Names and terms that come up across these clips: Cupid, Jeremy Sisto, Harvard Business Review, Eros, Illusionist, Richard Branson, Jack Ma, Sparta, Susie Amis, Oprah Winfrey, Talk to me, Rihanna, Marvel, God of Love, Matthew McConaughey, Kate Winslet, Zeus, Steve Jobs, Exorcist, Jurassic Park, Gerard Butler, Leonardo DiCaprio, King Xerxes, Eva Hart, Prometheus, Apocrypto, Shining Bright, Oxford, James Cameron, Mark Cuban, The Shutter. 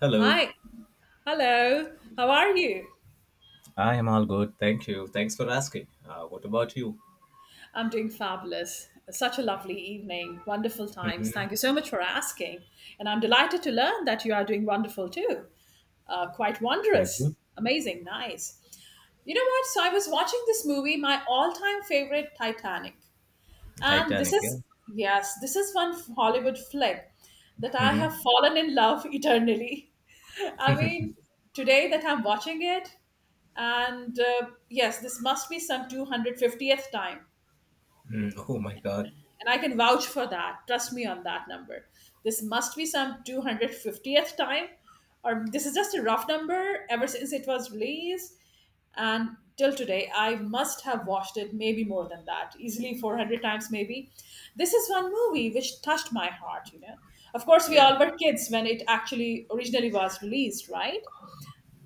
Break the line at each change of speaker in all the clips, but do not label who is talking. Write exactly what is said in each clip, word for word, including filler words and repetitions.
Hello,
Hi. Hello. How are you?
I am all good. Thank you. Thanks for asking. Uh, what about you?
I'm doing fabulous. Such a lovely evening. Wonderful times. Thank you
hmm
so much for asking. And I'm delighted to learn that you are doing wonderful too. Uh, quite
Thank
wondrous.
you.
Amazing. Nice. You know what? So I was watching this movie, my all time favorite, Titanic. And this
Titanic, yeah.
is, yes, this is one Hollywood flick that I have fallen in love eternally. I mean, today that I'm watching it, and uh, yes, this must be some two hundred fiftieth time.
Mm, oh my God.
And I can vouch for that. Trust me on that number. This must be some two hundred fiftieth time. Or this is just a rough number ever since it was released. And till today, I must have watched it maybe more than that, easily four hundred times, maybe. This is one movie which touched my heart, you know. Of course, we
Yeah.
all were kids when it actually originally was released, right?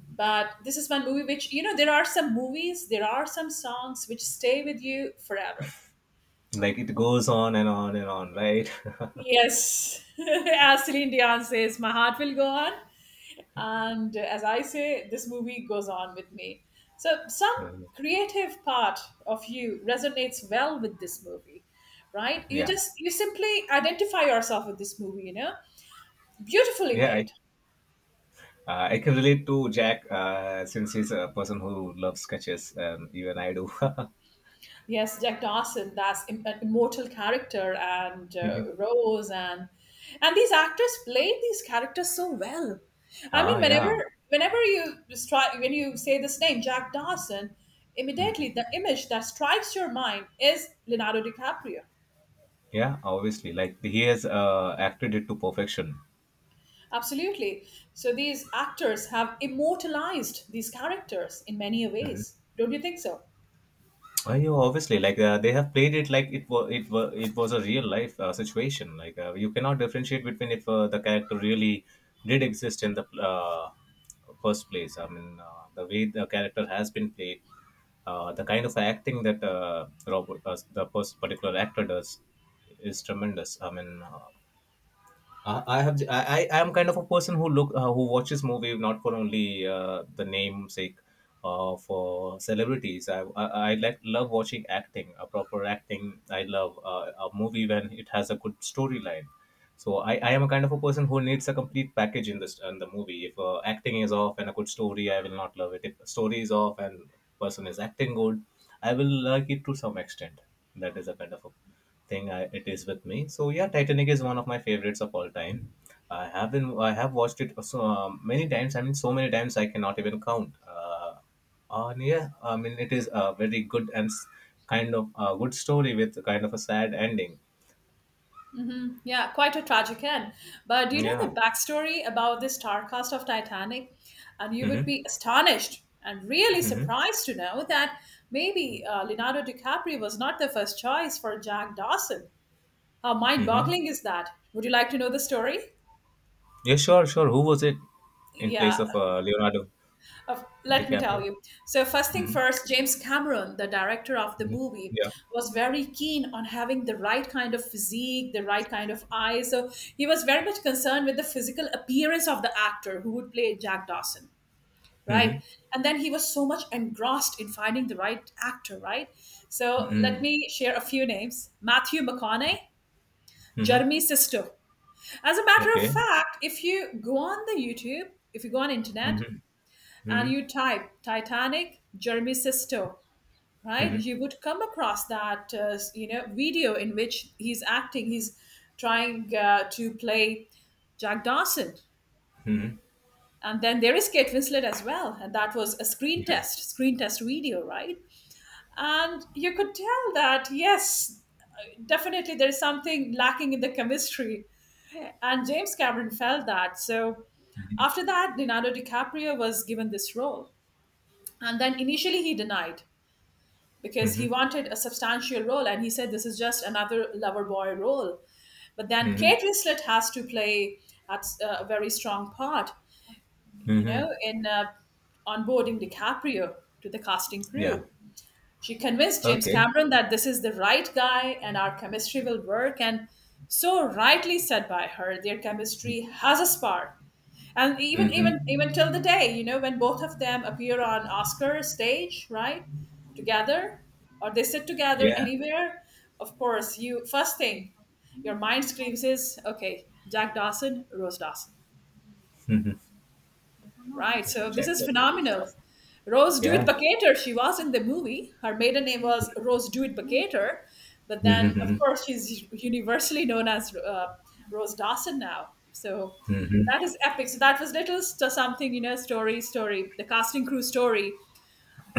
But this is one movie which, you know there are some movies, there are some songs which stay with you forever.
Like it goes on and on and on, right?
Yes. As Celine Dion says, my heart will go on, and as I say, this movie goes on with me. So some creative part of you resonates well with this movie, right? You
yeah.
just, you simply identify yourself with this movie, you know Beautifully
Yeah. I,
made.
uh, I can relate to Jack uh, since he's a person who loves sketches, and even I do.
Yes, Jack Dawson, that's im- an immortal character, and uh,
Mhm.
Rose, and and these actors played these characters so well. I
ah,
mean,
yeah.
whenever whenever you stri- when you say this name, Jack Dawson, immediately
Mm,
the image that strikes your mind is Leonardo DiCaprio.
Yeah, obviously. Like he has uh, acted it to perfection.
Absolutely. So these actors have immortalized these characters in many ways. Don't you think so?
I know, obviously, like uh, they have played it like it was it was it was a real life uh, situation. Like uh, you cannot differentiate between if uh, the character really did exist in the uh, first place. I mean, uh, the way the character has been played, uh, the kind of acting that uh, Robert, uh, the pers- particular actor does, is tremendous. I mean, uh, I I have I, I I am kind of a person who look uh, who watches movie not for only uh, the namesake uh, for celebrities. I, I I like love watching acting, a proper acting. I love uh, a movie when it has a good storyline. So I, I am a kind of a person who needs a complete package in this in the movie. If uh, acting is off and a good story, I will not love it. If story is off and person is acting good, I will like it to some extent. That is a kind of a thing I, it is with me. So yeah, Titanic is one of my favorites of all time. I have been I have watched it so um, many times. I mean, so many times I cannot even count. Uh, uh, and yeah, I mean it is a very good and s- kind of a good story with kind of a sad ending.
Yeah, quite a tragic end. But do you know the
Yeah.
backstory about the star cast of Titanic? And you would
Mm-hmm.
be astonished and really
Mm-hmm.
surprised to know that maybe uh, Leonardo DiCaprio was not the first choice for Jack Dawson. How mind
Mm-hmm.
boggling is that? Would you like to know the story?
Yeah, sure, sure. Who was it in place
Yeah.
of uh, Leonardo
Of, let me tell
DiCaprio?
you. So, first thing
Mm-hmm.
first, James Cameron, the director of the
Mm-hmm.
movie,
Yeah.
was very keen on having the right kind of physique, the right kind of eyes. So, he was very much concerned with the physical appearance of the actor who would play Jack Dawson,
Mm-hmm.
right? And then he was so much engrossed in finding the right actor, right? So, let
Mm-hmm.
me share a few names. Matthew McConaughey,
Mm-hmm.
Jeremy Sisto. As a matter of
Okay.
fact, if you go on the YouTube, if you go on internet,
Mm-hmm.
and
Mm-hmm.
you type Titanic, Jeremy Sisto, right?
Mm-hmm.
You would come across that, uh, you know, video in which he's acting, he's trying uh, to play Jack Dawson.
Mm-hmm.
And then there is Kate Winslet as well. And that was a screen
Yeah.
test, screen test video, right? And you could tell that, yes, definitely there's something lacking in the chemistry. And James Cameron felt that. So after that, Leonardo DiCaprio was given this role. And then initially he denied, because
Mm-hmm.
he wanted a substantial role and he said this is just another lover boy role. But then
Mm-hmm.
Kate Winslet has to play a very strong part, you know
Mm-hmm.
in uh, onboarding DiCaprio to the casting
Yeah.
crew. She convinced James
Okay.
Cameron that this is the right guy and our chemistry will work. And so rightly said by her, their chemistry has a spark. And even even
Mm-hmm.
even till the day, you know, when both of them appear on Oscar stage, right, together, or they sit together
Yeah.
anywhere, of course, you, first thing your mind screams is, okay, Jack Dawson, Rose Dawson,
Mm-hmm.
right. So this
Check
is
that and do
phenomenal.
stuff.
Rose Dewitt
Yeah.
Bucketer, she was in the movie. Her maiden name was Rose Dewitt Bucketer, but then
Mm-hmm.
of course she's universally known as uh, Rose Dawson now. So
Mm-hmm.
that is epic. So that was little st- something, you know, story, story, the casting crew story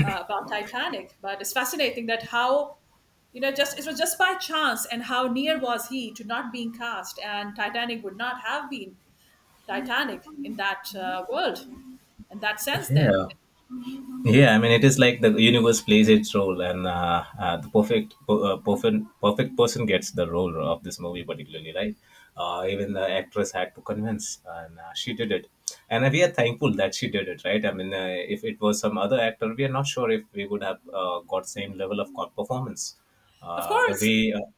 uh, about Titanic. But it's fascinating that how, you know, just it was just by chance and how near was he to not being cast, and Titanic would not have been Titanic in that uh, world, in that sense. Then
Yeah. Yeah, I mean, it is like the universe plays its role, and uh, uh, the perfect, per- uh, perfect, perfect person gets the role of this movie, particularly, right? Uh, even the actress had to convince, and uh, she did it. And uh, we are thankful that she did it, right? I mean, uh, if it was some other actor, we are not sure if we would have uh, got same level of co- performance.
of
Uh, the
course,
way, uh,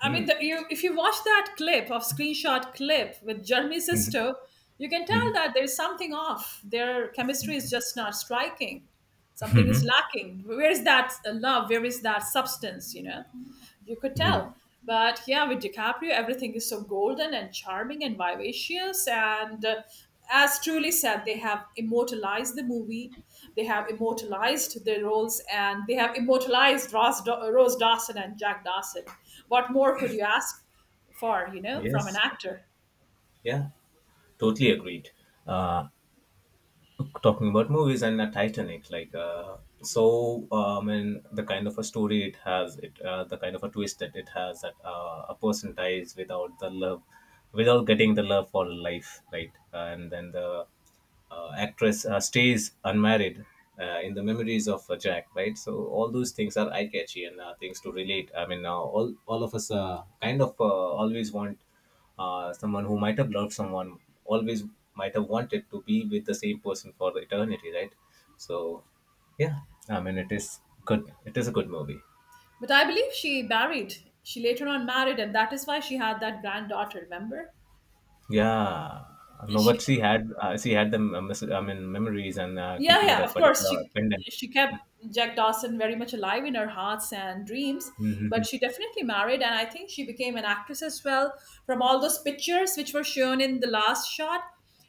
I
hmm,
mean, the, you, if you watch that clip of screenshot clip with Jeremy Sisto, you can tell
hmm,
that there's something off. Their chemistry is just not striking. Something is lacking. Where is that uh, love? Where is that substance? You know, you could tell. But yeah, with DiCaprio, everything is so golden and charming and vivacious. And uh, as truly said, they have immortalized the movie. They have immortalized their roles and they have immortalized Ross, Rose Dawson and Jack Dawson. What more could you ask for, you know, from an
Yes,
actor?
yeah, totally agreed. Uh, talking about movies and uh, Titanic, like uh, so, um, and the kind of a story it has, it uh, the kind of a twist that it has, that uh, a person dies without the love, without getting the love for life, right? Uh, And then the uh, actress uh, stays unmarried uh, in the memories of uh, Jack, right? So all those things are eye catchy and uh, things to relate. I mean, uh, all all of us uh, kind of uh, always want uh, someone who might have loved someone always might have wanted to be with the same person for the eternity, right? So yeah, I mean it is good, it is a good movie.
But I believe she married. She later on married, and that is why she had that granddaughter, remember?
Yeah, no, but
She.
she had uh, she had the mem- i mean memories and uh,
Yeah,
keeping
yeah,
that
of course.
particular
She
pendant.
she kept Jack Dawson very much alive in her hearts and dreams, but
Mm-hmm.
she definitely married, and I think she became an actress as well from all those pictures which were shown in the last shot,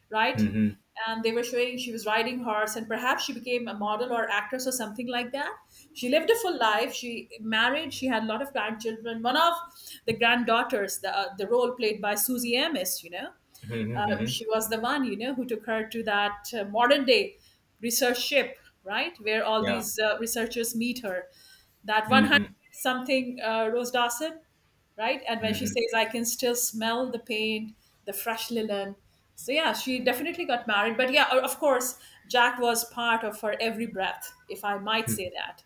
right?
Mm-hmm.
And they were showing she was riding horse, and perhaps she became a model or actress or something like that. She lived a full life. She married. She had a lot of grandchildren. One of the granddaughters, the uh, the role played by Susie Amis, you know,
Mm-hmm. Mm-hmm.
uh,
Mm-hmm.
she was the one, you know, who took her to that uh, modern day research ship, right, where all
Yeah.
these uh, researchers meet her. That hundred
Mm-hmm.
something uh, Rose Dawson, right? And when she
Mm-hmm.
says, I can still smell the paint, the fresh linen. So, yeah, she definitely got married. But, yeah, of course, Jack was part of her every breath, if I might say that.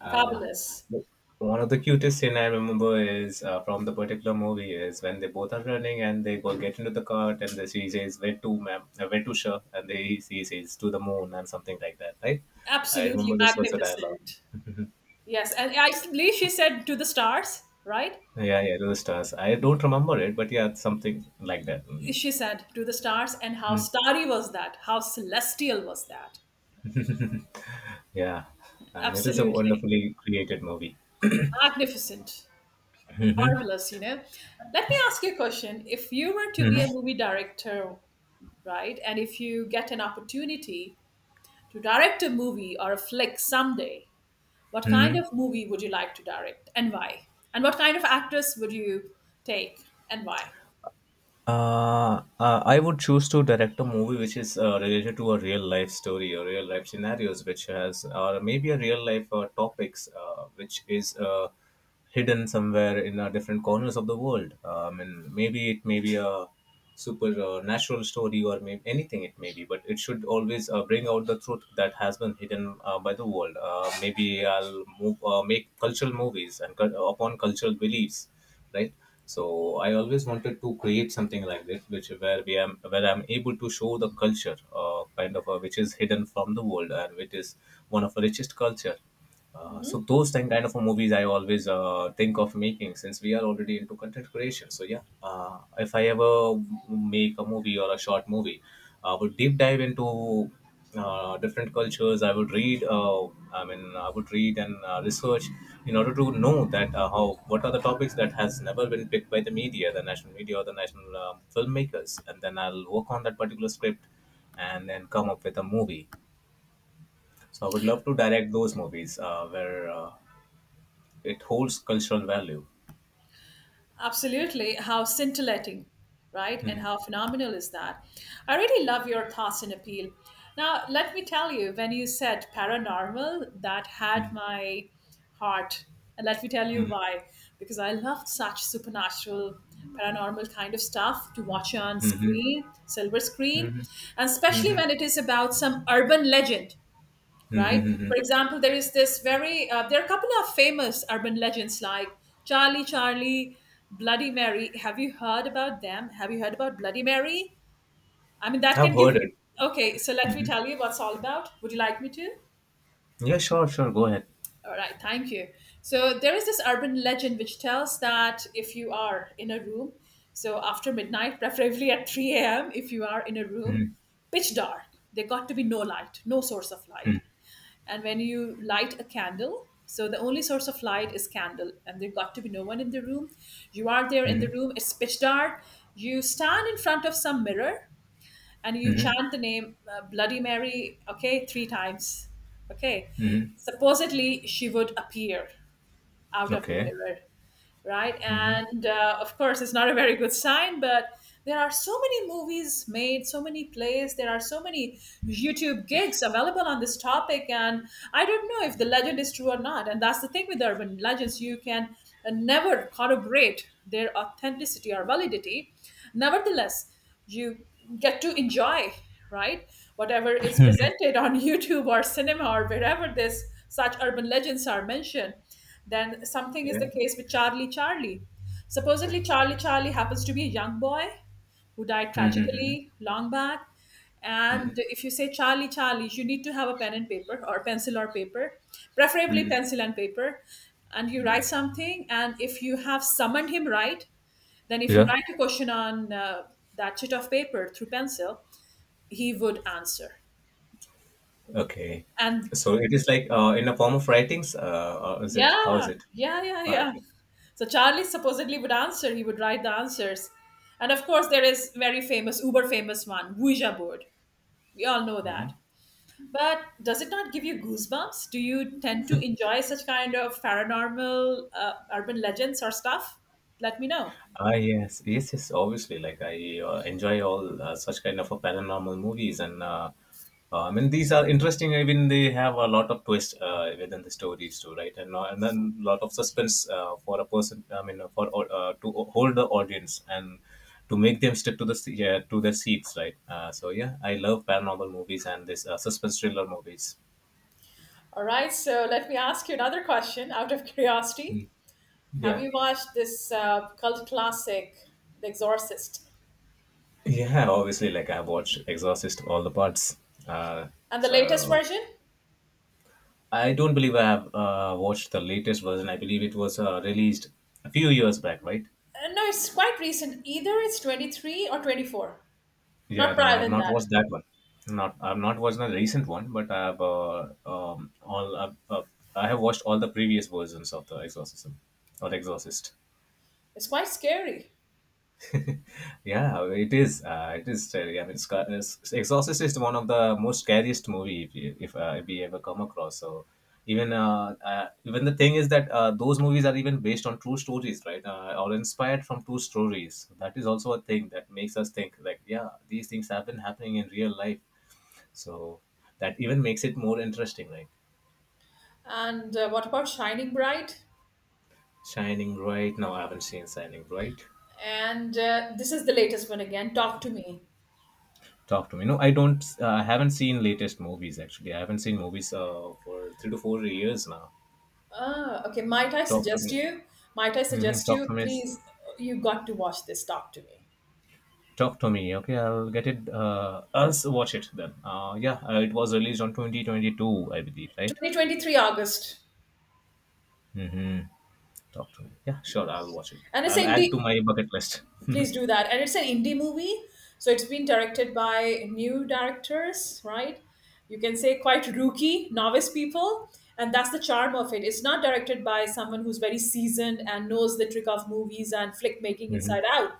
Uh,
Fabulous.
one of the cutest scene I remember is uh, from the particular movie is when they both are running and they go get into the cart and the she says where to ma'am, uh, where to sure, and they he says to the moon and something like that, right? I
Absolutely
remember this was a dialogue.
magnificent. Yes. And I believe she said to the stars, right?
Yeah, yeah, to the stars. I don't remember it, but yeah, it's something like that only.
She said to the stars. And how
Mm.
starry was that, how celestial was that.
Yeah, I mean it is a
Absolutely
wonderfully created movie.
magnificent,
hmm
marvelous, you know. Let me ask you a question. If you were to
hmm
be a movie director, right, and if you get an opportunity to direct a movie or a flick someday, what kind
hmm
of movie would you like to direct and why? And what kind of actress would you take and why?
Uh, uh, I would choose to direct a movie which is uh, related to a real life story or real life scenarios, which has or maybe a real life uh, topics uh, which is uh, hidden somewhere in uh, different corners of the world. Um, and maybe it may be a super uh, natural story or maybe anything it may be, but it should always uh, bring out the truth that has been hidden uh, by the world. Uh, maybe I'll move uh, make cultural movies and cul- upon cultural beliefs, right? So I always wanted to create something like this, which where we am where I'm able to show the culture, uh, kind of uh, which is hidden from the world and which is one of the richest culture. Uh,
Mm-hmm.
so those kind kind of movies I always uh, think of making, since we are already into content creation. So yeah, uh, if I ever make a movie or a short movie, I would deep dive into uh, different cultures. I would read. Uh, I mean, I would read and uh, research in order to know that uh, how what are the topics that has never been picked by the media, the national media or the national um, filmmakers, and then I'll work on that particular script and then come up with a movie. So I would love to direct those movies uh, where uh, it holds cultural value.
Absolutely. How scintillating, right? And
hmm
how phenomenal is that? I really love your thoughts and appeal. Now, let me tell you, when you said paranormal, that had my heart. And let me tell you
hmm
why. Because I love such supernatural, paranormal kind of stuff to watch on screen, silver screen,
hmm
and especially
hmm
when it is about some urban legend, right?
hmm
For example, there is this very, uh, there are a couple of famous urban legends like Charlie, Charlie, Bloody Mary. Have you heard about them? Have you heard about Bloody Mary? I mean, that
I've
can give
heard
you,
it.
okay, so let me
hmm
tell you what's all about. Would you like me to?
Yeah, sure, sure. Go ahead.
All right, thank you. So there is this urban legend which tells that if you are in a room, so after midnight, preferably at three a m, if you are in a room,
Mm-hmm,
pitch dark, there got to be no light, no source of light. And when you light a candle, so the only source of light is candle, and there got to be no one in the room. You are there in the
hmm
room, it's pitch dark. You stand in front of some mirror and you
hmm
chant the name uh, Bloody Mary, okay, three times, okay.
hmm
Supposedly, she would appear out of the
Okay.
mirror, right?
Mm-hmm.
And uh, of course, it's not a very good sign, but there are so many movies made, so many plays, there are so many YouTube gigs available on this topic. And I don't know if the legend is true or not. And that's the thing with urban legends, you can uh, never corroborate their authenticity or validity. Nevertheless, you get to enjoy, right, whatever is presented on YouTube or cinema or wherever this, such urban legends are mentioned. Then something is the
Yeah.
case with Charlie, Charlie. Supposedly Charlie, Charlie happens to be a young boy who died
Mm-hmm.
tragically long back. And
hmm
if you say Charlie, Charlie, you need to have a pen and paper or pencil or paper, preferably pencil and paper. And you write something, and if you have summoned him, right, then, if you
Yeah.
write a question on uh, that sheet of paper through pencil, he would answer.
Okay.
And
So it is like uh, in a form of writings, uh, or is it? How
yeah,
is it?
yeah, yeah,
Ah,
yeah.
okay.
So Charlie supposedly would answer. He would write the answers. And of course, there is very famous, uber famous one, Ouija board. We all know
Mm-hmm.
that. But does it not give you goosebumps? Do you tend to enjoy such kind of paranormal uh, urban legends or stuff? Let me know.
Ah, yes, yes, yes. Obviously, like I uh, enjoy all uh, such kind of a paranormal movies, and uh, uh, I mean these are interesting. I mean they have a lot of twist uh, within the stories too, right? And uh, and then a lot of suspense uh, for a person. I mean uh, for uh, To hold the audience and to make them stick to the se- yeah, to their seats, right? Uh, so yeah, I love paranormal movies and this uh, suspense thriller movies.
All right, so let me ask you another question out of curiosity.
Mm.
Have
Yeah.
you watched this uh, cult classic, The Exorcist,
Yeah, obviously, like I've watched Exorcist all the parts. Uh,
and the latest
so
version?
I don't believe I have uh, watched the latest version. I believe it was uh, released a few years back, right?
Uh, no, it's quite recent. Either it's twenty three or twenty four, not
Yeah, no,
prior
I have
than
not
that.
watched that one. Not, I've not watched the recent one, but I have uh, um, all. Uh, uh, I have watched all the previous versions of the Exorcism or the Exorcist.
It's quite scary.
Yeah, it is. Uh, it is scary. I mean, it's, ca- it's- Exorcist is one of the most scariest movie if you- if, uh, if we ever come across. So even uh, uh, even the thing is that uh, those movies are even based on true stories, right? Uh, or inspired from true stories. So that is also a thing that makes us think like, yeah, these things have been happening in real life. So that even makes it more interesting, right?
And uh, What about Shining Bright?
Shining Bright. Now I haven't seen Shining Bright.
And uh, this is the latest one again. Talk to me.
Talk to me. No, I don't. Uh, I haven't seen latest movies actually. I haven't seen movies uh, for three to four years now.
Ah, okay. Might I
Talk to
suggest
me.
you? Might I
hmm
suggest
Talk
you?
to me. Is-
Please, you got to watch this. Talk to me.
Talk to me. Okay, I'll get it. Uh, I'll s- watch it then. Uh, yeah, uh, it was released on twenty twenty-two, I believe, right?
twenty twenty three August.
Talk to me. Yeah, sure. I'll watch it.
And it's
I'll add to
Indi-
my bucket list.
Please do that. And it's an indie movie, so it's been directed by new directors, right? You can say quite rookie, novice people, and that's the charm of it. It's not directed by someone who's very seasoned and knows the trick of movies and flick making inside
Mhm,
out.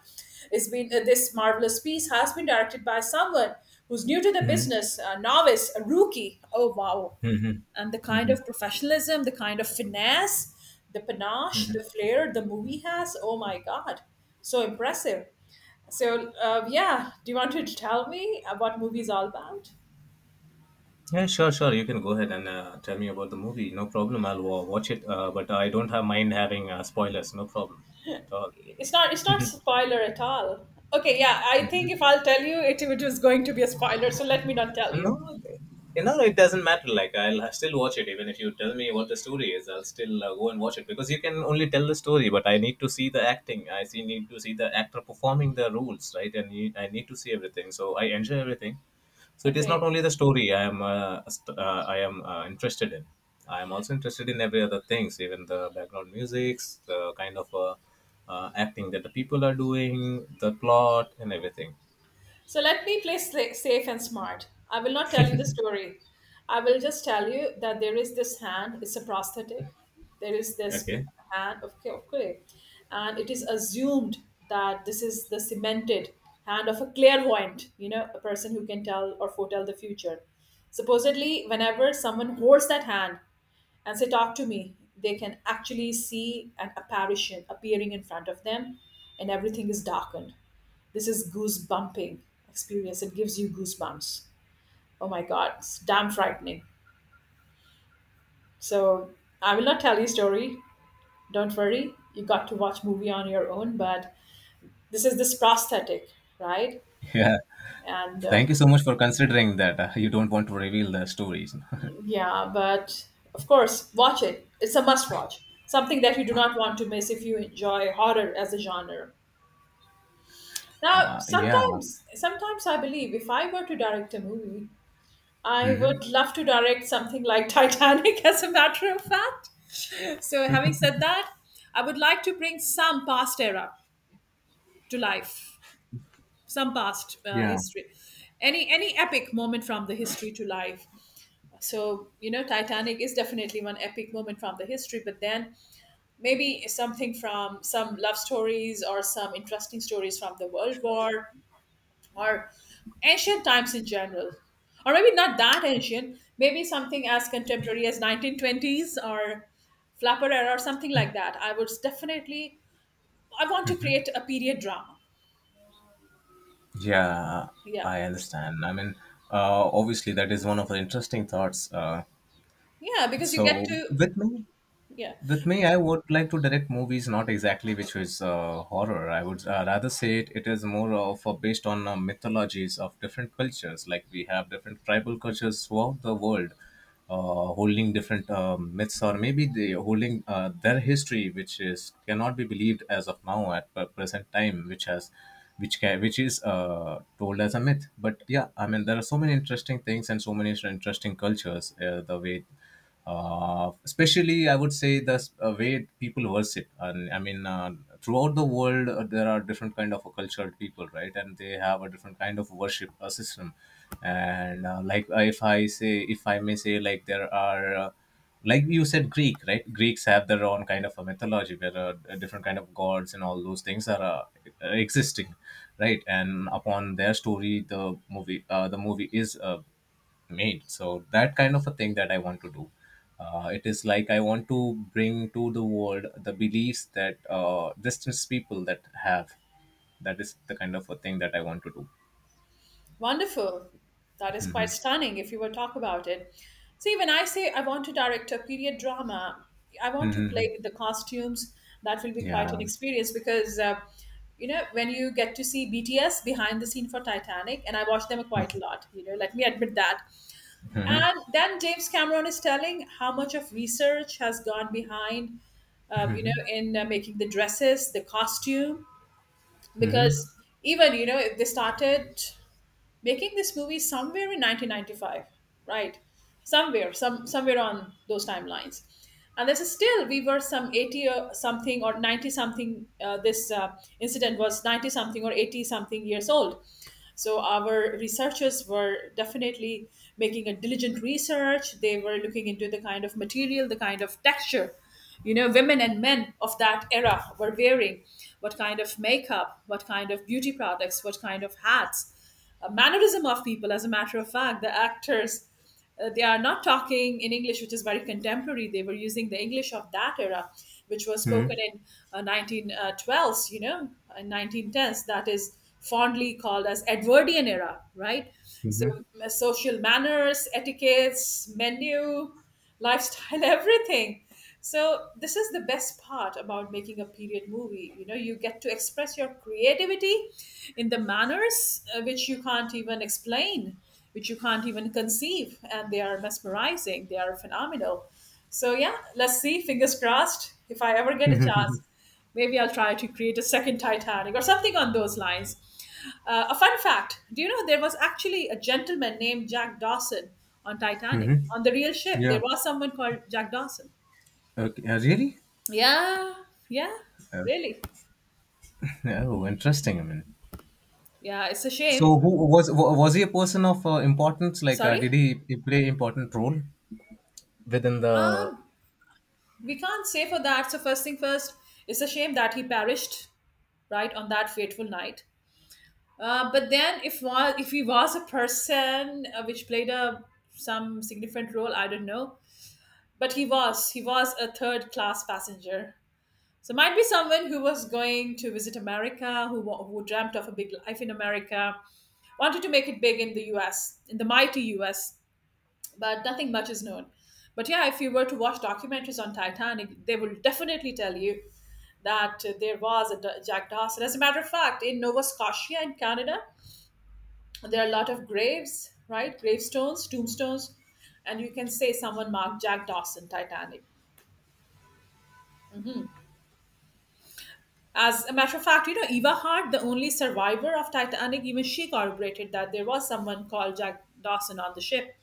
It's been uh, this marvelous piece has been directed by someone who's new to the business, a novice, a rookie. Oh wow!
mhm,
And the kind
mhm.
of professionalism, the kind of finesse, the panache, the flair the movie has. Oh my God, so impressive. So uh, yeah, do you want to tell me uh, what movie is all about?
Yeah, sure, sure. You can go ahead and uh, tell me about the movie. No problem. I'll wa- watch it. Uh, but I don't have mind having uh, spoilers. No problem at all.
It's not. It's not spoiler at all. Okay, yeah, I think if I'll tell you, it, it was going to be a spoiler. So let me not tell you.
No, no, it doesn't matter. Like, I'll still watch it, even if you tell me what the story is, I'll still uh, go and watch it because you can only tell the story, but I need to see the acting. I see, need to see the actor performing the roles, right? And you, I need to see everything. So I enjoy everything. So it is not
Okay.
only the story I am, uh, st- uh, I am uh, interested in. I am also interested in every other things, even the background musics, the kind of uh, uh, acting that the people are doing, the plot, and everything.
So let me play sla- Safe and smart. I will not tell you the story. I will just tell you that there is this hand, it's a prosthetic. There is this
Okay.
hand of, clay, of clay. And it is assumed that this is the cemented hand of a clairvoyant, you know, a person who can tell or foretell the future. Supposedly, whenever someone holds that hand and say, talk to me, they can actually see an apparition appearing in front of them and everything is darkened, this is goosebumping experience. It gives you goosebumps. Oh my god, it's damn frightening. So I will not tell you story. Don't worry. You got to watch movie on your own. But this is this prosthetic, right?
Yeah.
And um,
Thank you so much for considering that uh, you don't want to reveal the stories.
yeah, but of course, watch it. It's a must watch. Something that you do not want to miss if you enjoy horror as a genre. Now,
uh, yeah.
sometimes, sometimes I believe if I were to direct a movie, I
hmm
would love to direct something like Titanic, as a matter of fact. So, having said that, I would like to bring some past era to life, some past uh,
Yeah.
history, any any epic moment from the history to life. So, you know, Titanic is definitely one epic moment from the history, but then maybe something from some love stories or some interesting stories from the World War or ancient times in general, or maybe not that ancient, maybe something as contemporary as nineteen twenties or flapper era or something like that. I would definitely, I want to create a period drama,
Yeah.
yeah,
I understand. I mean, uh, obviously, that is one of the interesting thoughts. Uh,
yeah, because you get
so,
to,
with me,
yeah.
With me, I would like to direct movies, not exactly which is uh, horror. I would uh, rather say it, it is more of uh, based on uh, mythologies of different cultures. Like we have different tribal cultures throughout the world, uh, holding different uh, myths, or maybe they holding uh, their history, which is cannot be believed as of now at the present time, which has which ca which is uh, told as a myth. But yeah, I mean there are so many interesting things and so many interesting cultures. Uh, the way uh, especially i would say the s- uh, way people worship, and i mean, uh, throughout the world uh, there are different kind of cultured people, right, and they have a different kind of worship uh, system, and uh, like uh, if i say if i may say, like there are uh, like you said, Greek, right, Greeks have their own kind of a mythology where uh, different kind of gods and all those things are uh, existing, right, and upon their story the movie uh, the movie is uh, made. So that kind of a thing that I want to do. Uh, it is like I want to bring to the world the beliefs that uh, distance people that have. That is the kind of a thing that I want to do.
Wonderful. That is quite stunning if you will talk about it. See, when I say I want to direct a period drama, I want to play
Hmm.
with the costumes. That will be quite an
Yeah.
experience because, uh, you know, when you get to see B T S behind the scene for Titanic, and I watch them quite a lot, you know, let me admit that.
Hmm.
And then James Cameron is telling how much of research has gone behind, uh, you know, in uh, making the dresses, the costume,
Hmm.
because even, you know, if they started making this movie somewhere in nineteen ninety five, right, somewhere some somewhere on those timelines, and this is still, we were some eighty or something or ninety something, uh, this uh, incident was ninety something or eighty something years old. So our researchers were definitely making a diligent research. They were looking into the kind of material, the kind of texture, you know, women and men of that era were wearing, what kind of makeup, what kind of beauty products, what kind of hats, uh, mannerism of people. As a matter of fact, the actors uh, they are not talking in English, which is very contemporary. They were using the English of that era, which was spoken
Hmm.
in uh, nineteen twelve s, you know, in nineteen tens. That is fondly called as Edwardian era, right? So
Hmm.
m- social manners, etiquettes, menu, lifestyle, everything. So this is the best part about making a period movie. You know, you get to express your creativity in the manners uh, which you can't even explain, which you can't even conceive, and they are mesmerizing. They are phenomenal. So yeah, let's see. Fingers crossed. If I ever get a chance. Maybe I'll try to create a second Titanic or something on those lines. Uh, a fun fact, do you know there was actually a gentleman named Jack Dawson on Titanic? On the real ship, there
Yeah.
was someone called Jack Dawson.
Okay. Uh, really?
Yeah, yeah,
Uh,
really.
oh, interesting. I mean,
Yeah, it's a
so
shame.
who was wa- was he a person of uh, importance? Like, uh,
Sorry?
did he, he play important role within the?
Um, we can't say for that. So first thing first, it's a shame that he perished right on that fateful night. Uh, but then, if was if he was a person uh, which played a some significant role, I don't know. But he was, he was a third class passenger. So might be someone who was going to visit America, who, wa- who dreamt of a big life in America, wanted to make it big in the U S, in the mighty U S, but nothing much is known. But yeah, if you were to watch documentaries on Titanic, they will definitely tell you that uh, there was a D- Jack Dawson. As a matter of fact, in Nova Scotia in Canada, there are a lot of graves, right? Gravestones, tombstones, and you can say someone marked Jack Dawson Titanic. As a matter of fact, you know, Eva Hart, the only survivor of Titanic, even she corroborated that there was someone called Jack Dawson on the ship.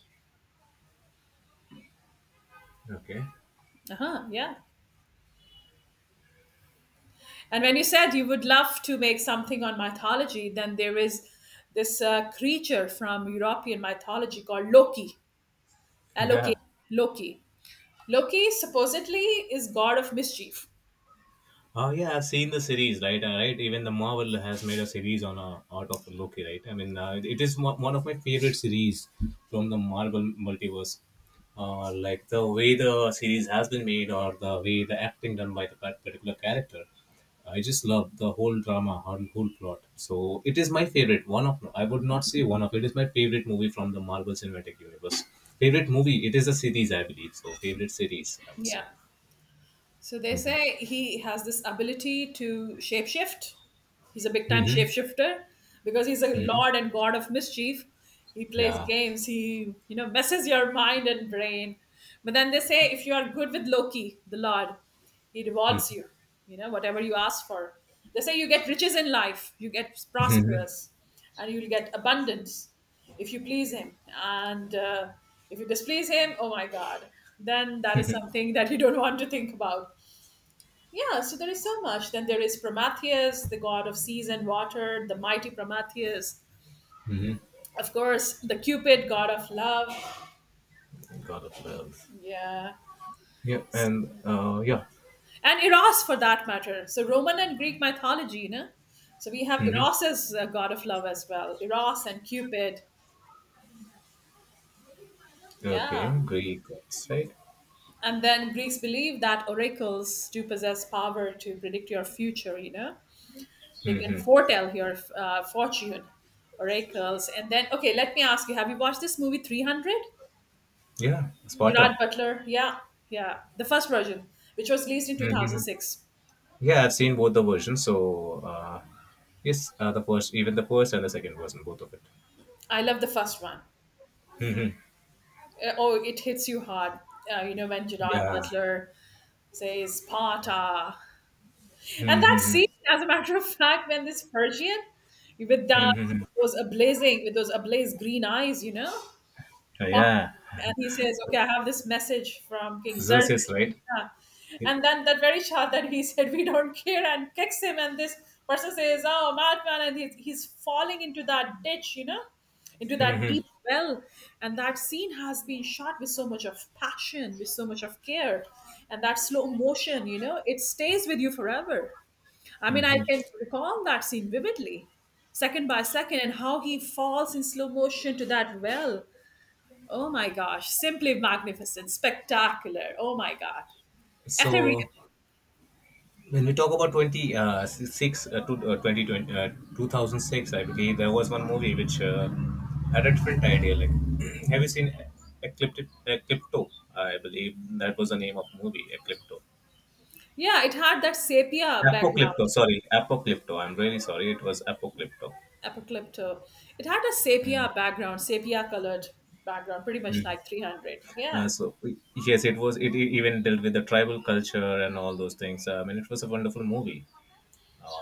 Okay.
Uh-huh, yeah. And when you said you would love to make something on mythology, then there is this uh, creature from European mythology called Loki. Loki.
Yeah.
Loki. Loki supposedly is god of mischief.
Oh yeah, I've seen the series, right? Uh, right. Even the Marvel has made a series on uh, Art of Loki, right? I mean, uh, it is one one of my favorite series from the Marvel multiverse. Uh, like the way the series has been made, or the way the acting done by the par- particular character, I just love the whole drama, whole whole plot. So it is my favorite. One of I would not say one of it is my favorite movie from the Marvel Cinematic Universe. Favorite movie? It is a series, I believe. So favorite series, I would say.
Yeah. So they say he has this ability to shapeshift. He's a big time
Mm-hmm.
shapeshifter because he's a
Mm-hmm.
lord and god of mischief. He plays
Yeah.
games. He, you know, messes your mind and brain. But then they say if you are good with Loki, the lord, he rewards you. You know, whatever you ask for. They say you get riches in life, you get prosperous, and you'll get abundance if you please him. And uh, if you displease him, oh my God, then that is something that you don't want to think about. Yeah, so there is so much. Then there is Prometheus, the god of seas and water, the mighty Prometheus.
Mhm.
Of course, the Cupid, god of love.
God of Love.
Yeah.
Yeah, and uh, yeah.
And Eros, for that matter. So, Roman and Greek mythology, you know? So, we have
Mm-hmm.
Eros as a god of love as well. Eros and Cupid. Yeah.
Okay, Greek gods, right?
And then Greeks believe that oracles do possess power to predict your future, you know? They can
Mm-hmm.
foretell your uh, fortune, oracles. And then, okay, let me ask you, have you watched this movie three hundred?
Yeah,
Gerard
Sparta.
Butler, yeah, yeah, the first version, which was released in
Mm-hmm.
two thousand six.
Yeah, I've seen both the versions. So uh, yes, uh, the first, even the first and the second version, both of it.
I love the first one.
Mm-hmm.
Uh, oh, it hits you hard, uh, you know, when Gerard
Yeah.
Butler says Sparta. And that
Mm-hmm.
scene, as a matter of fact, when this Persian with that,
Mm-hmm. Mm-hmm.
with those ablazing, with those ablaze green eyes, you know, pop up,
Yeah.
and he says, "Okay, I have this message from King
Zeus
Xerxes."
is right.
Yeah.
Yep.
And then that very shot that he said, "We don't care," and kicks him, and this person says, "Oh, madman!" and he's, he's falling into that ditch, you know, into that
Mm-hmm.
deep well. And that scene has been shot with so much of passion, with so much of care, and that slow motion, you know, it stays with you forever. I mean, I can recall that scene vividly, second by second, and how he falls in slow motion to that well. Oh my gosh, simply magnificent, spectacular. Oh my god, ethereal.
So, When we talk about twenty, uh, six, uh, to, uh, twenty, twenty uh, two thousand six, I believe there was one movie which uh, had a different idea. Like, have you seen Eclipto? Eclipto, I believe that was the name of movie, Eclipto.
Yeah, it had that sepia
Apocrypto,
background,
sorry, Apocrypto. I'm really sorry. It was Apocrypto.
Apocalypto. It had a sepia
Mm.
background, sepia colored background, pretty much
Mm.
like three hundred.
Uh,
Yeah,
so yes, it was. It e- even dealt with the tribal culture and all those things. I mean, it was a wonderful movie.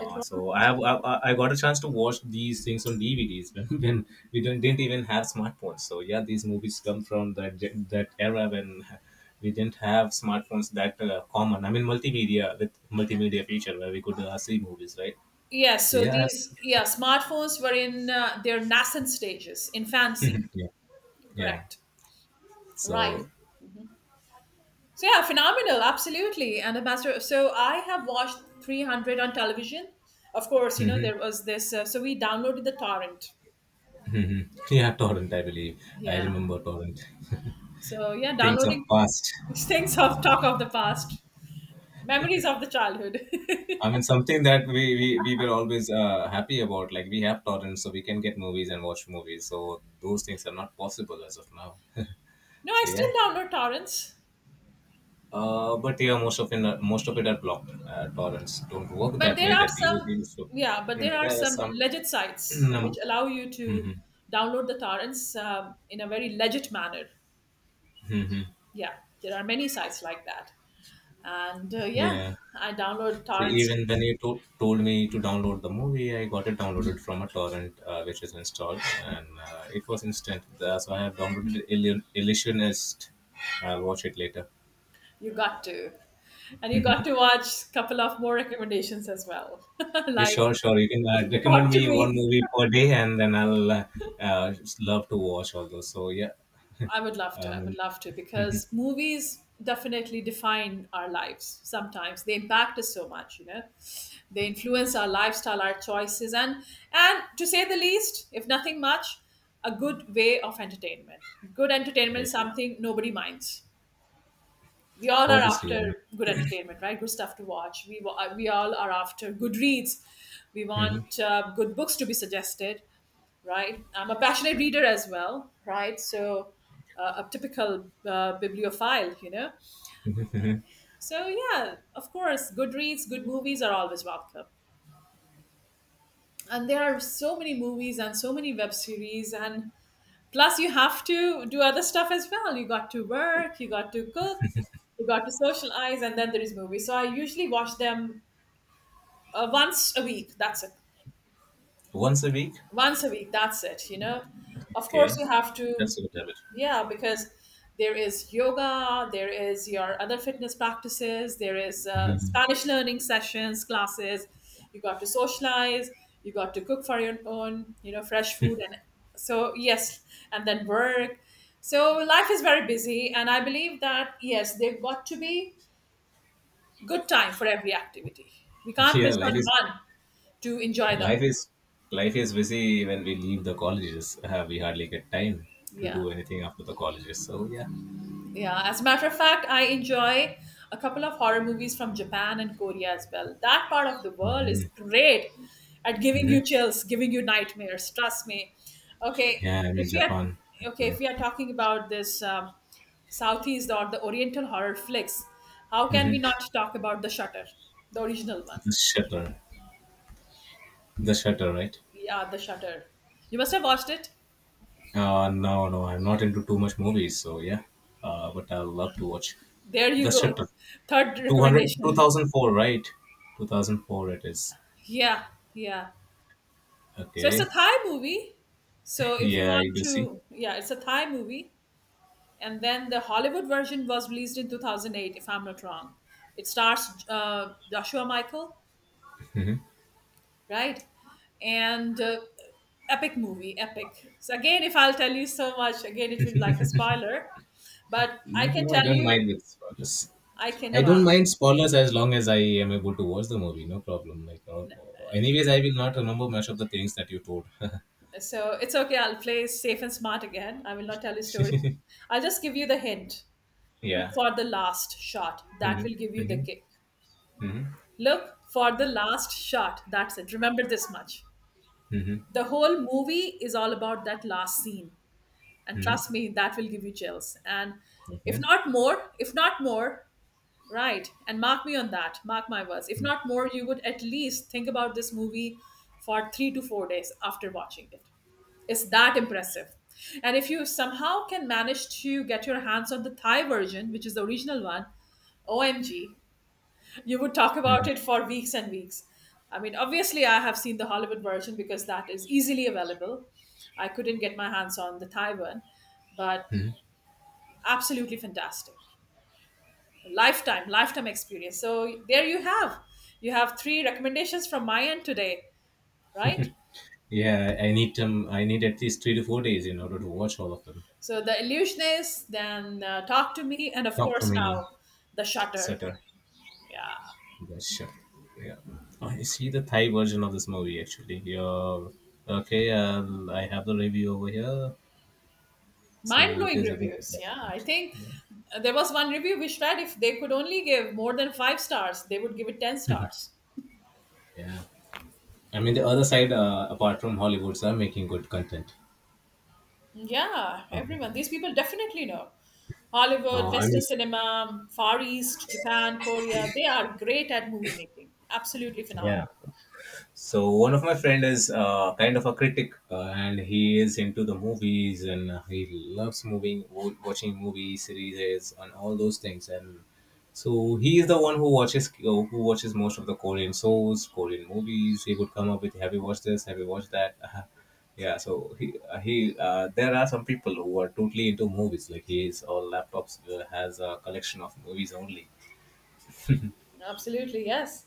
it was.
So I have I, I I got a chance to watch these things on D V Ds when, when we didn't, didn't even have smartphones. So yeah, these movies come from that gen- that era when we didn't have smartphones that uh, common. I mean, multimedia with multimedia feature where we could uh, see movies, right?
Yeah,
So
so
yeah, I've
these,
seen-
yeah, smartphones were in uh, their nascent stages, in fancy.
yeah, yeah.
Correct. Right.
So
So yeah, phenomenal, absolutely. And Ambassador, so I have watched three hundred on television. Of course, you know, there was this, uh, so we downloaded the torrent.
yeah, torrent. I believe I
Yeah.
remember torrent.
So yeah,
Things of
downloading
past.
things of talk of the past, memories of the childhood. No,
I mean, something that we, we, we were always uh, happy about. Like, we have torrents, so we can get movies and watch movies. So those things are not possible as of now.
I
So,
still
yeah.
download torrents,
Uh, but yeah, most of it, most of it are blocked. Uh, torrents don't work
but
that
there
way
are
that they use
some,
used to.
yeah, but
Hmm.
there are
There are
some
some.
legit sites which allow you to
Mhm.
download the torrents, um, in a very legit manner.
Mhm.
Yeah, there are many sites like that, and uh, yeah,
Yeah.
I download
So
torrents.
even when you to- told me to download the movie, I got it downloaded from a torrent, uh, which is installed, and uh, it was instant. Uh, so I have downloaded Illu- Illusionist. I'll watch it later.
You got to, and you got to watch couple of more recommendations as well,
Yeah,
like
sure, sure. You can uh,
talk
recommend
to
me one
me.
movie per day, and then I'll uh, uh, just love to watch all those. So yeah,
I would love to. I would
um,
love to because movies definitely define our lives. Sometimes they impact us so much, you know, they influence our lifestyle, our choices, and and to say the least, if nothing much, a good way of entertainment. Good entertainment is something nobody minds. We all are
obviously, I mean,
after good entertainment, right? Good stuff to watch. We wa- we all are after good reads. We
mhm.
want uh, good books to be suggested, right? I'm a passionate reader as well, right? So uh, a typical uh, bibliophile, you know. So yeah, of course, good reads, good movies are always welcome. And there are so many movies and so many web series. And plus, you have to do other stuff as well. You got to work, you got to cook, you got to socialize, and then there is movies. So I usually watch them uh, once a week. That's it.
Once a week.
Once a week. That's it. You know. Of course,
Okay,
you have to,
that's a good habit.
yeah, because there is yoga, there is your other fitness practices, there is uh, Spanish learning sessions, classes. You got to socialize, you got to cook for your own, you know, fresh food, and so yes, and then work. So life is very busy, and I believe that yes, there got to be good time for every activity. We can't
Yeah,
miss
life
on
is
one to enjoy the
life
other.
is life is busy when we leave the colleges. Uh, we hardly get time to
Yeah.
do anything after the colleges. So yeah.
Yeah, as a matter of fact, I enjoy a couple of horror movies from Japan and Korea as well. That part of the world is
Hmm.
great at giving
Hmm.
you chills, giving you nightmares. Trust me. Okay,
Yeah, I'm in
if we are
Japan.
okay,
Okay.
if we are talking about this um, Southeast or the Oriental horror flicks, how can we
Mm-hmm.
not talk about The Shutter, the original one?
The Shutter. The Shutter, right?
Yeah, The Shutter. You must have watched it.
Uh, no, no, I'm not into too much movies. So yeah, uh, but I love to watch
There you
The
go.
Shutter.
Third
Two hundred, two
recommendation.
thousand four, right? two thousand four it is.
Yeah, yeah. So it's a
Okay.
Thai movie. So if you
Yeah,
want
I do see.
to, yeah, it's a Thai movie. And then the Hollywood version was released in two thousand eight, if I'm not wrong. It stars uh, Joshua Michael, right? And uh, epic movie, epic. So again, if I'll tell you so much, again, it will be like a spoiler. But I can
No, I
tell
don't
you,
mind with spoilers.
I can
I
no. uh,
don't mind spoilers as long as I am able to watch the movie. No problem. Like, uh, anyways, I will not remember much of the things that you told.
So it's okay. I'll play safe and smart again. I will not tell you story. I'll just give you the hint. Look
Yeah.
for the last shot. That will give
Mm-hmm.
you the
Mm-hmm.
kick.
Mm-hmm.
Look for the last shot. That's it. Remember this much.
Mm-hmm.
The whole movie is all about that last scene. And
Hmm.
trust me, that will give you chills. And if
Okay.
not more, if not more, right. And mark me on that. Mark my words. If not more, you would at least think about this movie for three to four days after watching it. It's that impressive. And if you somehow can manage to get your hands on the Thai version, which is the original one, O M G, you would talk about it for weeks and weeks. I mean, obviously, I have seen the Hollywood version because that is easily available. I couldn't get my hands on the Thai one, but absolutely fantastic. Lifetime, lifetime experience. So there you have. You have three recommendations from my end today, right?
Yeah, I need um, I need at least three to four days in order to watch all of them.
So The Illusionist, then uh, Talk to Me, and of
Talk to
course
me,
now The Shutter.
Sutter.
Yeah.
Yeah, sure. Yeah. I see the Thai version of this movie actually. Yeah. Okay. Uh, I have the review over here.
Mind
So it
blowing
is a bit
reviews. Yeah, I
difficult.
think
Yeah.
there was one review which read, if they could only give more than five stars, they would give it ten stars.
Yeah. I mean, the other side, uh, apart from Hollywoods, are making good content.
Yeah,
Uh,
everyone. These people definitely know. Hollywood,
uh, I mean,
Western cinema, Far East, Japan, Korea, they are great at movie making. Absolutely phenomenal.
yeah. So one of my friend is uh, kind of a critic, uh, and he is into the movies, and uh, he loves moving, wo- watching movie series, and all those things. And so he is the one who watches uh, who watches most of the Korean shows, Korean movies. He would come up with, "Have you watched this? Have you watched that?" Yeah. So he uh, he uh, there are some people who are totally into movies. Like he is all laptops uh, has a collection of movies only.
Absolutely, yes.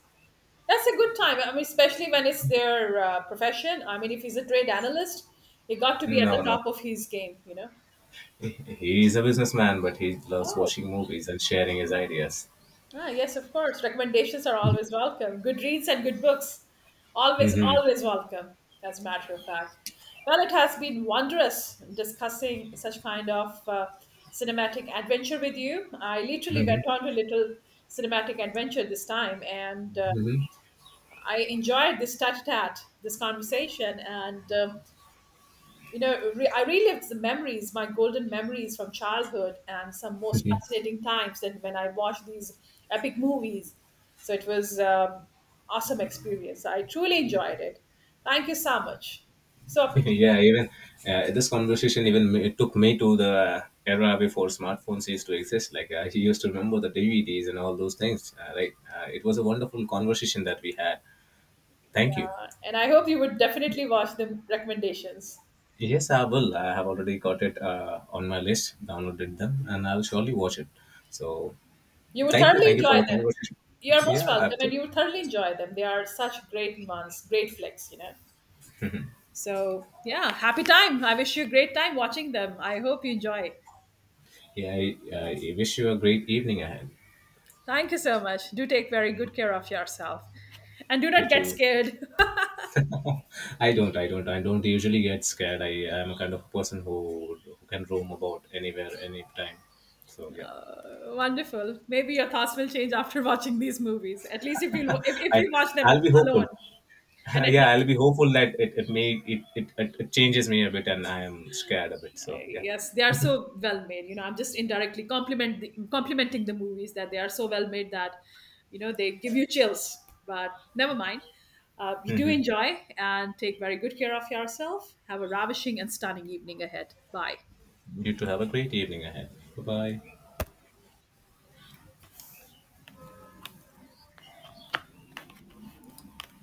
That's a good time. I mean, especially when it's their uh, profession. I mean, if he's a trade analyst, he got to be at
No,
the
no.
top of his game, you know?
He is a businessman, but he loves
Oh,
watching movies and sharing his ideas.
ah, yes, of course. Recommendations are always welcome. Good reads and good books. Always,
Hmm.
always welcome, as a matter of fact. Well, it has been wondrous discussing such kind of uh, cinematic adventure with you. I literally went
Hmm.
on to little cinematic adventure this time, and uh,
Hmm.
I enjoyed this tat tat, this conversation, and um, you know, re- I relived the memories, my golden memories from childhood and some most fascinating times that when I watched these epic movies. So it was um, awesome experience. I truly enjoyed it. Thank you so much. So appreciate it.
Yeah, even uh, this conversation even ma- took me to the era before smartphones used to exist. Like I used to remember the D V Ds and all those things. Uh, like uh, it was a wonderful conversation that we had. Thank you.
Uh, And I hope you would
Y-
definitely watch the recommendations.
Yes, I will. I have already got it uh, on my list, downloaded them, and I'll surely watch it. So
You would
thank you,
thoroughly
thank you for
enjoy
the
them.
conversation.
You're most
Yeah, I
welcome, and you would thoroughly enjoy them. They are such great ones, great flicks, you know. So yeah, happy time. I wish you a great time watching them. I hope you enjoy.
Yeah, I, I wish you a great evening ahead.
Thank you so much. Do take very good care of yourself. And do
You
not get
too.
scared.
I don't, I don't, I don't usually get scared. I am a kind of person who, who can roam about anywhere, anytime. So yeah,
Uh, wonderful. Maybe your thoughts will change after watching these movies. At least if you if, if
I
you watch them
I'll be hopeful.
alone and at night.
Yeah, I'll be hopeful that it, it may it, it it it changes me a bit and I am scared a bit.
Uh,
So yeah.
Yes, they are so well made. You know, I'm just indirectly compliment the, complimenting the movies that they are so well made that, you know, they give you chills. But never mind. Uh, you do
Hmm.
enjoy and take very good care of yourself. Have a ravishing and stunning evening ahead. Bye.
You too. Have a great evening ahead. Bye bye.